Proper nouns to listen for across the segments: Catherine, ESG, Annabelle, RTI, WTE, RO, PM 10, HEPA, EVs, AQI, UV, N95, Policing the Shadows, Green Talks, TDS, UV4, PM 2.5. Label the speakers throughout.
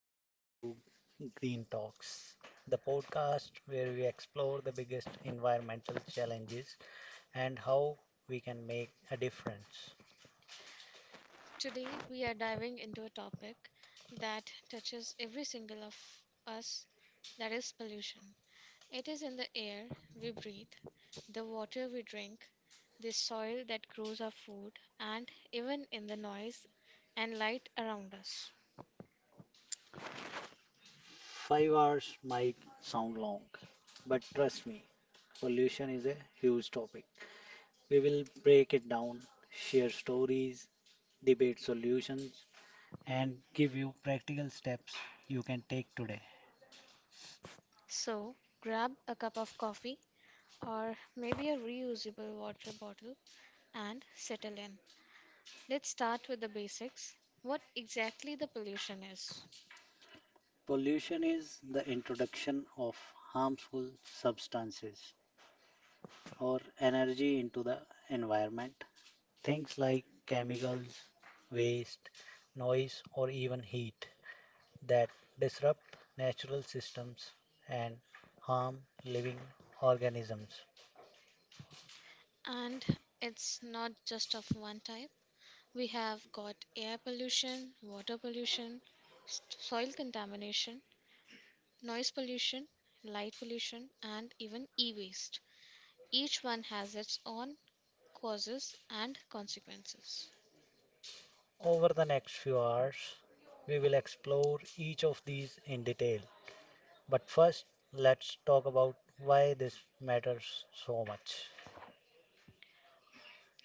Speaker 1: Welcome to Green Talks, the podcast where we explore the biggest environmental challenges and how we can make a difference.
Speaker 2: Today, we are diving into a topic that touches every single of us, that is, pollution. It is in the air we breathe, the water we drink, the soil that grows our food, and even in the noise and light around us.
Speaker 1: 5 hours might sound long, but trust me, pollution is a huge topic. We will break it down, share stories, debate solutions, and give you practical steps you can take today.
Speaker 2: So, grab a cup of coffee or maybe a reusable water bottle and settle in. Let's start with the basics. What exactly the pollution is?
Speaker 1: Pollution is the introduction of harmful substances or energy into the environment. Things like chemicals, waste, noise, or even heat that disrupt natural systems and harm living organisms.
Speaker 2: And it's not just of one type. We have got air pollution, water pollution, soil contamination, noise pollution, light pollution, and even e waste. Each one has its own causes and consequences.
Speaker 1: Over the next few hours, we will explore each of these in detail. But first, let's talk about why this matters so much.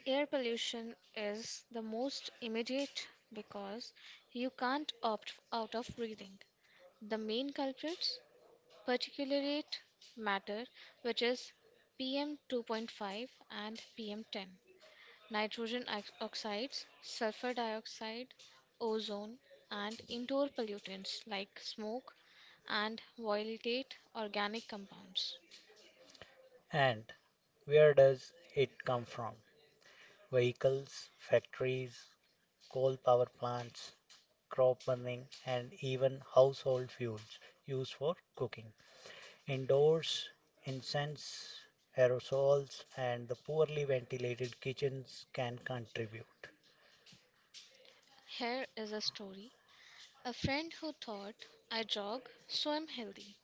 Speaker 2: Air pollution is the most immediate because you can't opt out of breathing. The main culprits particulate matter, which is PM 2.5 and PM 10, oxides, sulfur dioxide, ozone, and indoor pollutants like smoke and volatile organic compounds.
Speaker 1: And Where does it come from? Vehicles, factories, coal power plants, crop burning, and even household fuels used for cooking. Indoors, incense, aerosols, and the poorly ventilated kitchens can contribute.
Speaker 2: Here is a story. A friend who thought I jog, so I'm healthy,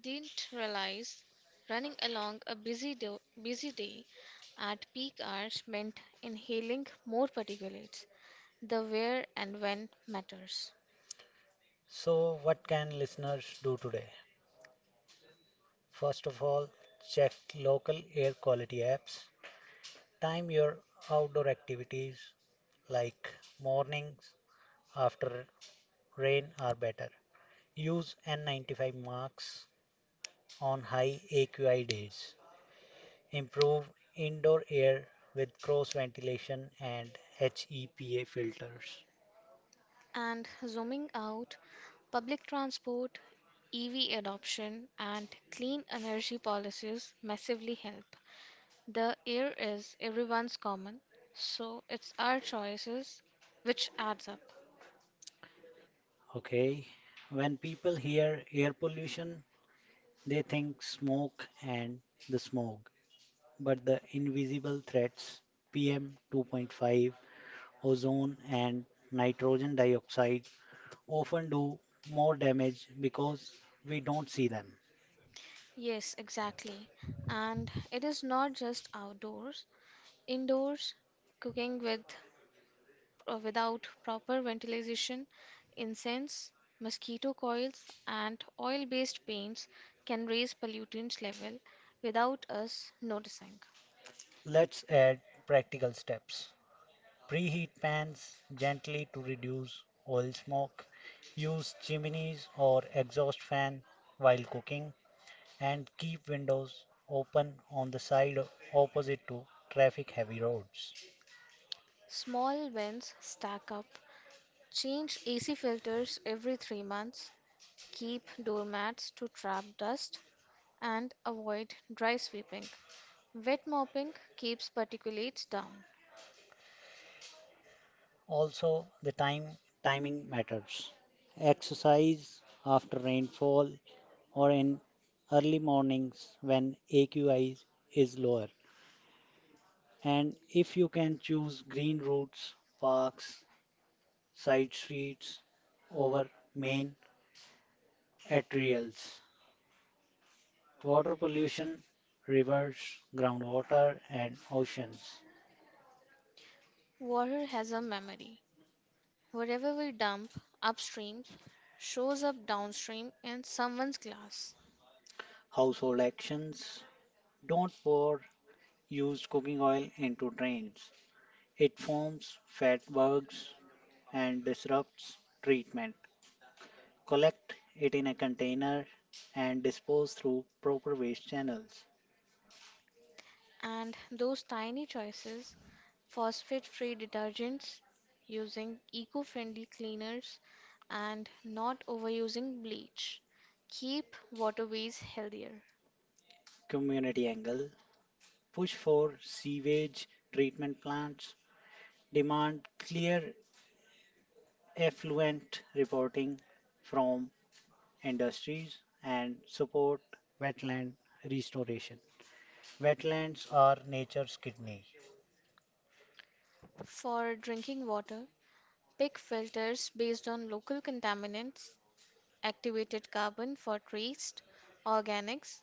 Speaker 2: didn't realize running along a busy day at peak hours meant inhaling more particulates. The where and when matters.
Speaker 1: So, what can listeners do today? First of all, check local air quality apps. Time your outdoor activities like mornings after rain are better. Use N95 marks on high AQI days. Improve indoor air with cross ventilation and HEPA filters.
Speaker 2: And zooming out, public transport, EV adoption, and clean energy policies massively help. The air is everyone's common, so it's our choices which adds up.
Speaker 1: Okay. When people hear air pollution, they think smoke and the smog, but the invisible threats PM 2.5, ozone, and nitrogen dioxide often do more damage because we don't see them.
Speaker 2: Yes, exactly. And it is not just outdoors, indoors, cooking with or without proper ventilation, incense, mosquito coils, and oil-based paints can raise pollutants level without us noticing.
Speaker 1: Let's add practical steps. Preheat pans gently to reduce oil smoke. Use chimneys or exhaust fan while cooking and keep windows open on the side opposite to traffic heavy roads.
Speaker 2: Small vents stack up. Change AC filters every 3 months. Keep doormats to trap dust and avoid dry sweeping. Wet mopping keeps particulates down.
Speaker 1: Also, the time timing matters. Exercise after rainfall or in early mornings when AQI is lower. And if you can choose green routes, parks, side streets over main arterials. Water pollution, rivers, groundwater, and oceans.
Speaker 2: Water has a memory. Wherever we dump upstream shows up downstream in someone's glass.
Speaker 1: Household actions don't pour used cooking oil into drains. It forms fat bugs and disrupts treatment. Collect it in a container and dispose through proper waste channels.
Speaker 2: And those tiny choices, phosphate free detergents, using eco friendly cleaners, and not overusing bleach keep waterways healthier.
Speaker 1: Community angle push for sewage treatment plants, demand clear effluent reporting from industries and support wetland restoration. Wetlands are nature's kidney.
Speaker 2: For drinking water, pick filters based on local contaminants, activated carbon for traced organics,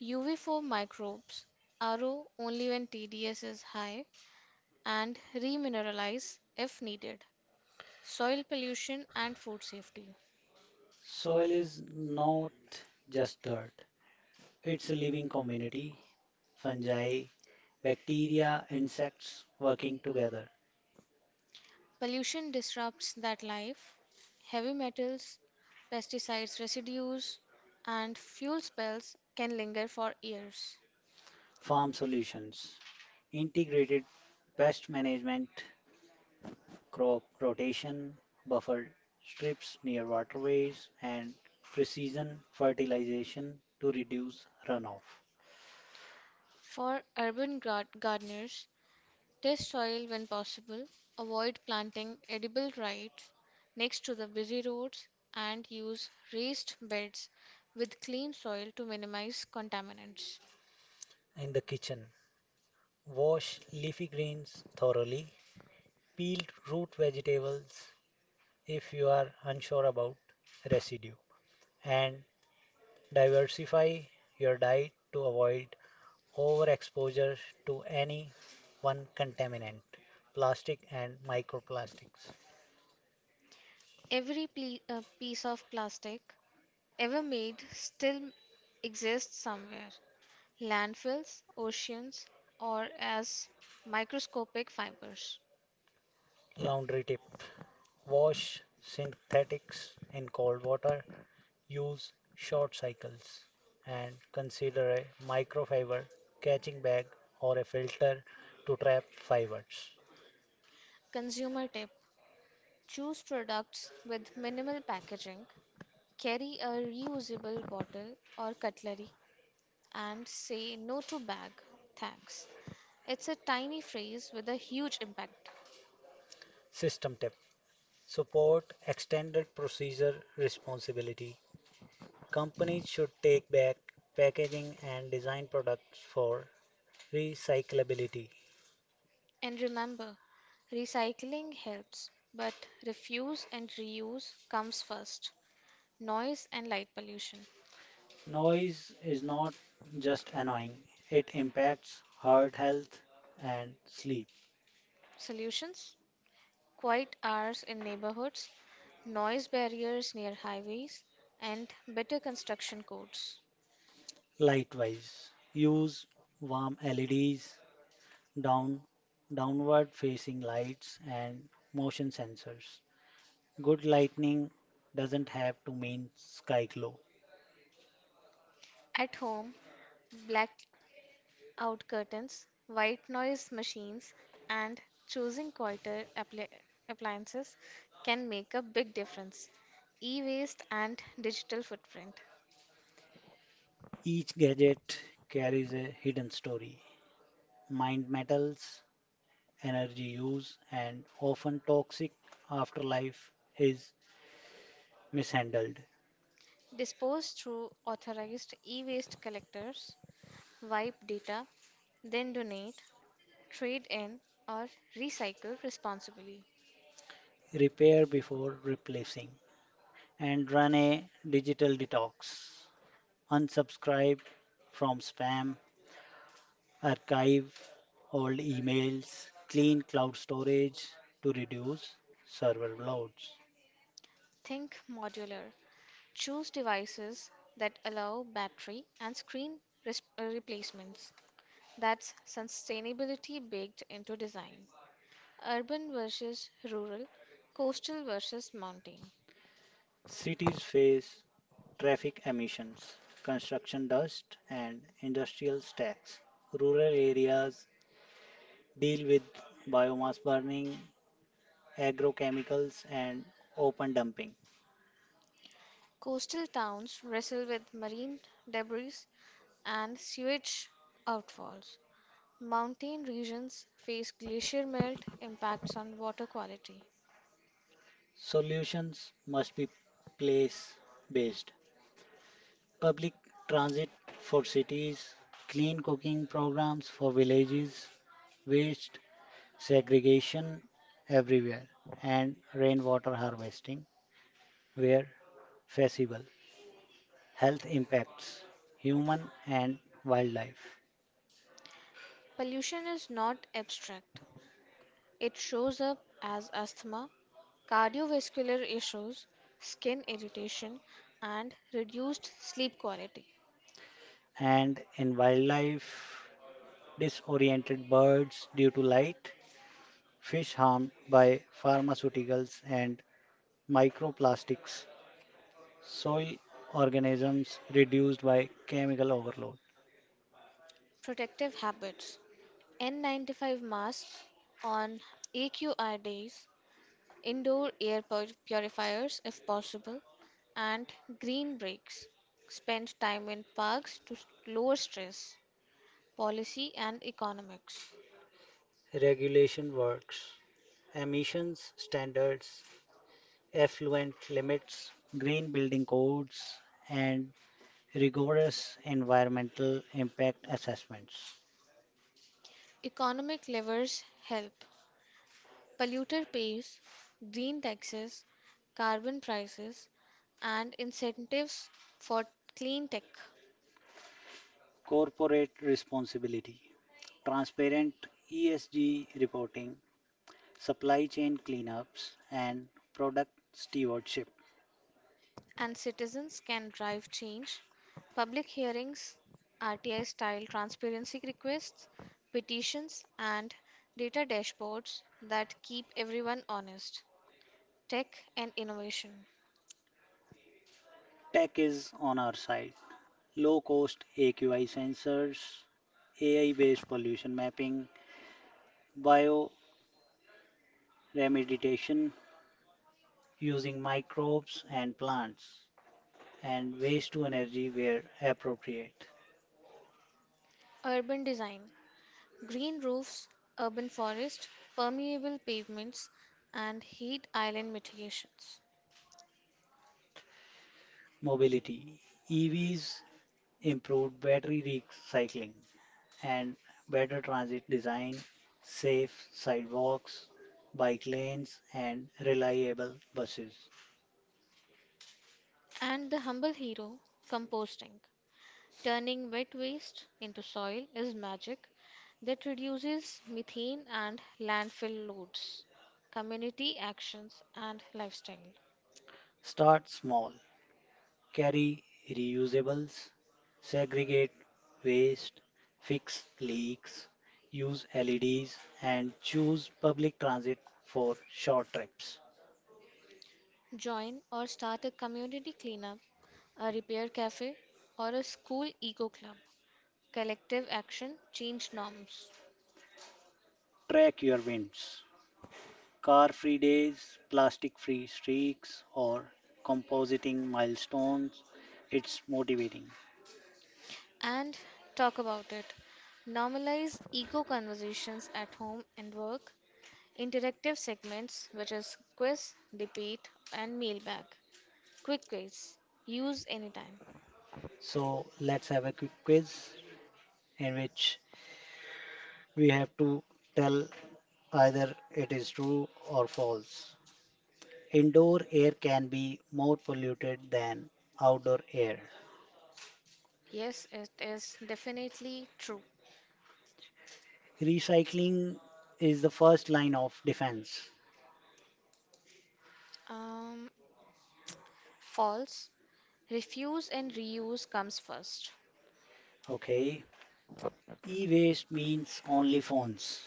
Speaker 2: UV4 microbes, RO only when TDS is high and remineralize if needed. Soil pollution and food safety.
Speaker 1: Soil is not just dirt, it's a living community, fungi, bacteria, insects working together.
Speaker 2: Pollution disrupts that life. Heavy metals, pesticides residues, and fuel spills can linger for years.
Speaker 1: Farm solutions, integrated pest management crop rotation, buffer strips near waterways, and precision fertilization to reduce runoff.
Speaker 2: For urban gardeners, test soil when possible. Avoid planting edible rice next to the busy roads and use raised beds with clean soil to minimize contaminants.
Speaker 1: In the kitchen, wash leafy greens thoroughly, peel root vegetables if you are unsure about residue, and diversify your diet to avoid overexposure to any one contaminant, plastic and microplastics.
Speaker 2: Every piece of plastic ever made still exists somewhere, landfills, oceans, or as microscopic fibers.
Speaker 1: Laundry tip: wash synthetics in cold water, use short cycles, and consider a microfiber catching bag or a filter to trap fibers.
Speaker 2: Consumer tip, choose products with minimal packaging, carry a reusable bottle or cutlery, and say no to bag. Thanks. It's a tiny phrase with a huge impact.
Speaker 1: System tip: support extended procedure responsibility. Companies should take back packaging and design products for recyclability.
Speaker 2: And remember, recycling helps, but refuse and reuse comes first. Noise and light pollution.
Speaker 1: Noise is not just annoying, it impacts heart health and sleep.
Speaker 2: Solutions? Quiet hours in neighborhoods, noise barriers near highways, and better construction codes.
Speaker 1: Likewise, use warm LEDs, down, downward facing lights, and motion sensors. Good lighting doesn't have to mean sky glow.
Speaker 2: At home, black out curtains, white noise machines, and choosing quieter appli- appliances can make a big difference. E waste and digital footprint.
Speaker 1: Each gadget carries a hidden story. Mined metals, energy use, and often toxic afterlife is mishandled.
Speaker 2: Dispose through authorized e waste collectors, wipe data, then donate, trade in, or recycle responsibly.
Speaker 1: Repair before replacing, and run a digital detox. Unsubscribe from spam. Archive old emails, clean cloud storage to reduce server loads.
Speaker 2: Think modular. Choose devices that allow battery and screen replacements. That's sustainability baked into design. Urban versus rural, coastal versus mountain.
Speaker 1: Cities face traffic emissions, construction dust, and industrial stacks. Rural areas deal with biomass burning, agrochemicals, and open dumping.
Speaker 2: Coastal towns wrestle with marine debris and sewage outfalls. Mountain regions face glacier melt impacts on water quality.
Speaker 1: Solutions must be place based. Public transit for cities, clean cooking programs for villages, waste segregation everywhere, and rainwater harvesting were feasible. Health impacts, human and wildlife.
Speaker 2: Pollution is not abstract, it shows up as asthma, cardiovascular issues, skin irritation, and reduced sleep quality.
Speaker 1: And in wildlife, disoriented birds due to light, fish harmed by pharmaceuticals and microplastics, soil organisms reduced by chemical overload.
Speaker 2: Protective habits. N95 masks on AQI days, indoor air purifiers if possible, and green breaks. Spend time in parks to lower stress. Policy and economics.
Speaker 1: Regulation works, emissions standards effluent limits, green building codes, and rigorous environmental impact assessments.
Speaker 2: Economic levers help. Polluter pays, green taxes, carbon prices, and incentives for clean tech.
Speaker 1: Corporate responsibility, transparent ESG reporting, supply chain cleanups, and product stewardship.
Speaker 2: And citizens can drive change. Public hearings, RTI style transparency requests, petitions, and data dashboards that keep everyone honest. Tech and innovation.
Speaker 1: Tech is on our side. Low cost AQI sensors, AI based pollution mapping, bioremediation using microbes and plants, and waste to energy where appropriate.
Speaker 2: Urban design. Green roofs, urban forest, permeable pavements, and heat island mitigations.
Speaker 1: Mobility EVs improved battery recycling and better transit design, safe sidewalks, bike lanes, and reliable buses.
Speaker 2: And the humble hero, composting. Turning wet waste into soil is magic that reduces methane and landfill loads. Community actions and lifestyle.
Speaker 1: Start small, carry reusables, segregate waste, fix leaks, use LEDs, and choose public transit for short trips.
Speaker 2: Join or start a community cleanup, a repair cafe, or a school eco club. Collective action change norms.
Speaker 1: Track your winds. Car free days, plastic free streaks, or compositing milestones. It's motivating.
Speaker 2: And talk about it. Normalize eco conversations at home and work. Interactive segments, which is quiz, debate, and mailbag. Quick quiz. Use anytime.
Speaker 1: So let's have a quick quiz in which we have to tell either it is true or false. Indoor air can be more polluted than outdoor air.
Speaker 2: Yes, it is definitely true.
Speaker 1: Recycling is the first line of defense.
Speaker 2: Um, False. Refuse and reuse comes first.
Speaker 1: Okay. E waste means only phones.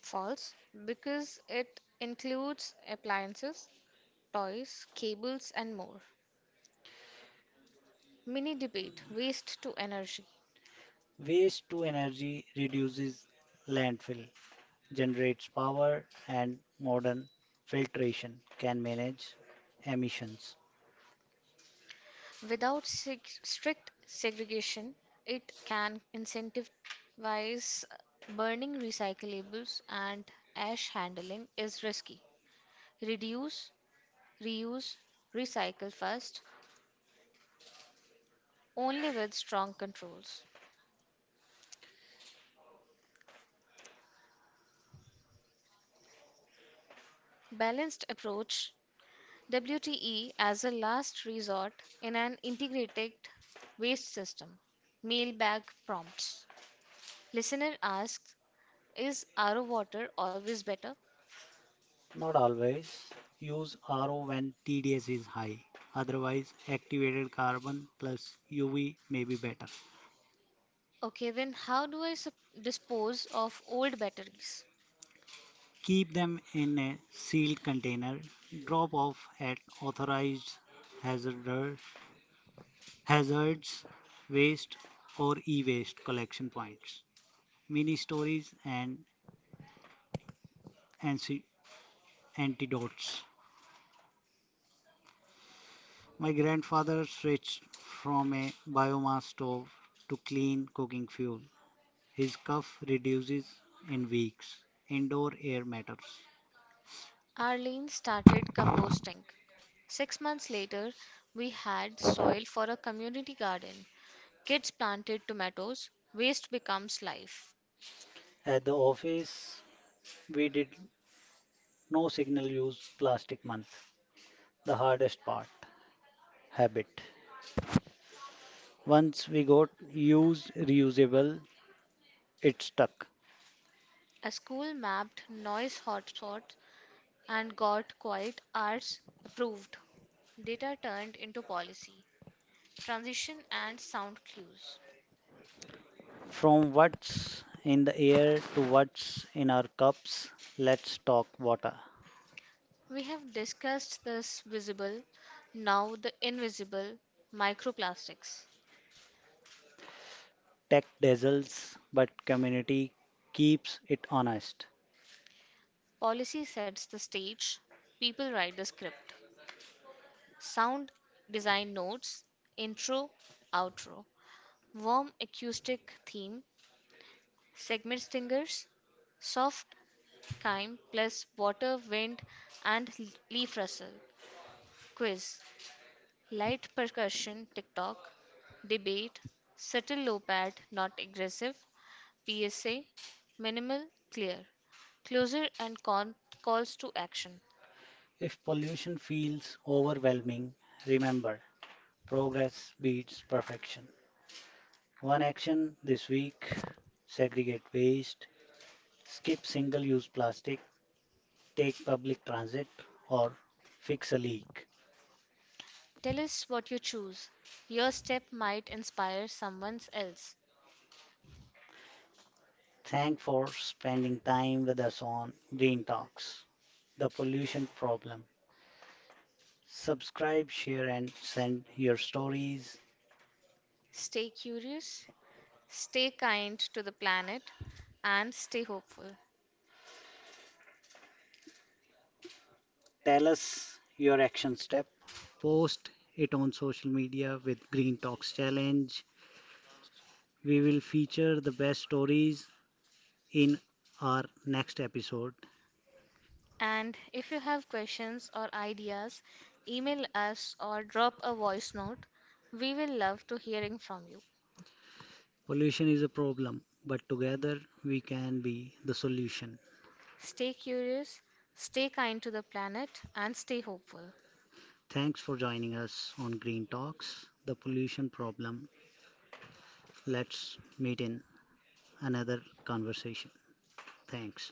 Speaker 2: False, because it includes appliances, toys, cables, and more. Mini debate waste to energy.
Speaker 1: Waste to energy reduces landfill, generates power, and modern filtration can manage emissions.
Speaker 2: Without strict segregation, it can incentivize burning recyclables and ash handling is risky. Reduce reuse, recycle first, only with strong controls. Balanced approach, WTE as a last resort in an integrated waste system. Mailbag prompts. Listener asks, is RO water always better?
Speaker 1: Not always. Use RO when TDS is high. Otherwise, activated carbon plus UV may be better.
Speaker 2: Okay, then how do I dispose of old batteries?
Speaker 1: Keep them in a sealed container. Drop off at authorized hazard, hazards, waste, or e waste collection points. Mini stories and ansi- antidotes. My grandfather switched from a biomass stove to clean cooking fuel. His cough reduces in weeks. Indoor air matters.
Speaker 2: Arlene started composting. 6 months later, we had soil for a community garden. Kids planted tomatoes, waste becomes life.
Speaker 1: At the office, we did no single use plastic month. The hardest part habit. Once we got use reusable, it stuck.
Speaker 2: A school mapped noise hotspots and got quiet hours approved. Data turned into policy, transition, and sound cues.
Speaker 1: From what's in the air to what's in our cups, let's talk water.
Speaker 2: We have discussed this visible, now the invisible microplastics.
Speaker 1: Tech dazzles, but community keeps it honest.
Speaker 2: Policy sets the stage, people write the script. Sound design notes, intro, outro, warm acoustic theme, segment stingers, soft chyme plus water, wind, and leaf rustle. Quiz, light percussion, TikTok, debate, subtle low pad, not aggressive, PSA, minimal, clear. Closer and calls to action.
Speaker 1: If pollution feels overwhelming, remember progress beats perfection. One action this week: segregate waste, skip single use plastic, take public transit, or fix a leak.
Speaker 2: Tell us what you choose. Your step might inspire someone else.
Speaker 1: Thank for spending time with us on Green Talks, the pollution problem. Subscribe, share, and send your stories.
Speaker 2: Stay curious, stay kind to the planet, and stay hopeful.
Speaker 1: Tell us your action step. Post it on social media with Green Talks Challenge. We will feature the best stories in our next episode.
Speaker 2: And if you have questions or ideas, email us or drop a voice note. We will love to hearing from you.
Speaker 1: Pollution is a problem, but together we can be the solution.
Speaker 2: Stay curious, stay kind to the planet and stay hopeful.
Speaker 1: Thanks for joining us on Green Talks, the pollution problem. Let's meet in another conversation. Thanks.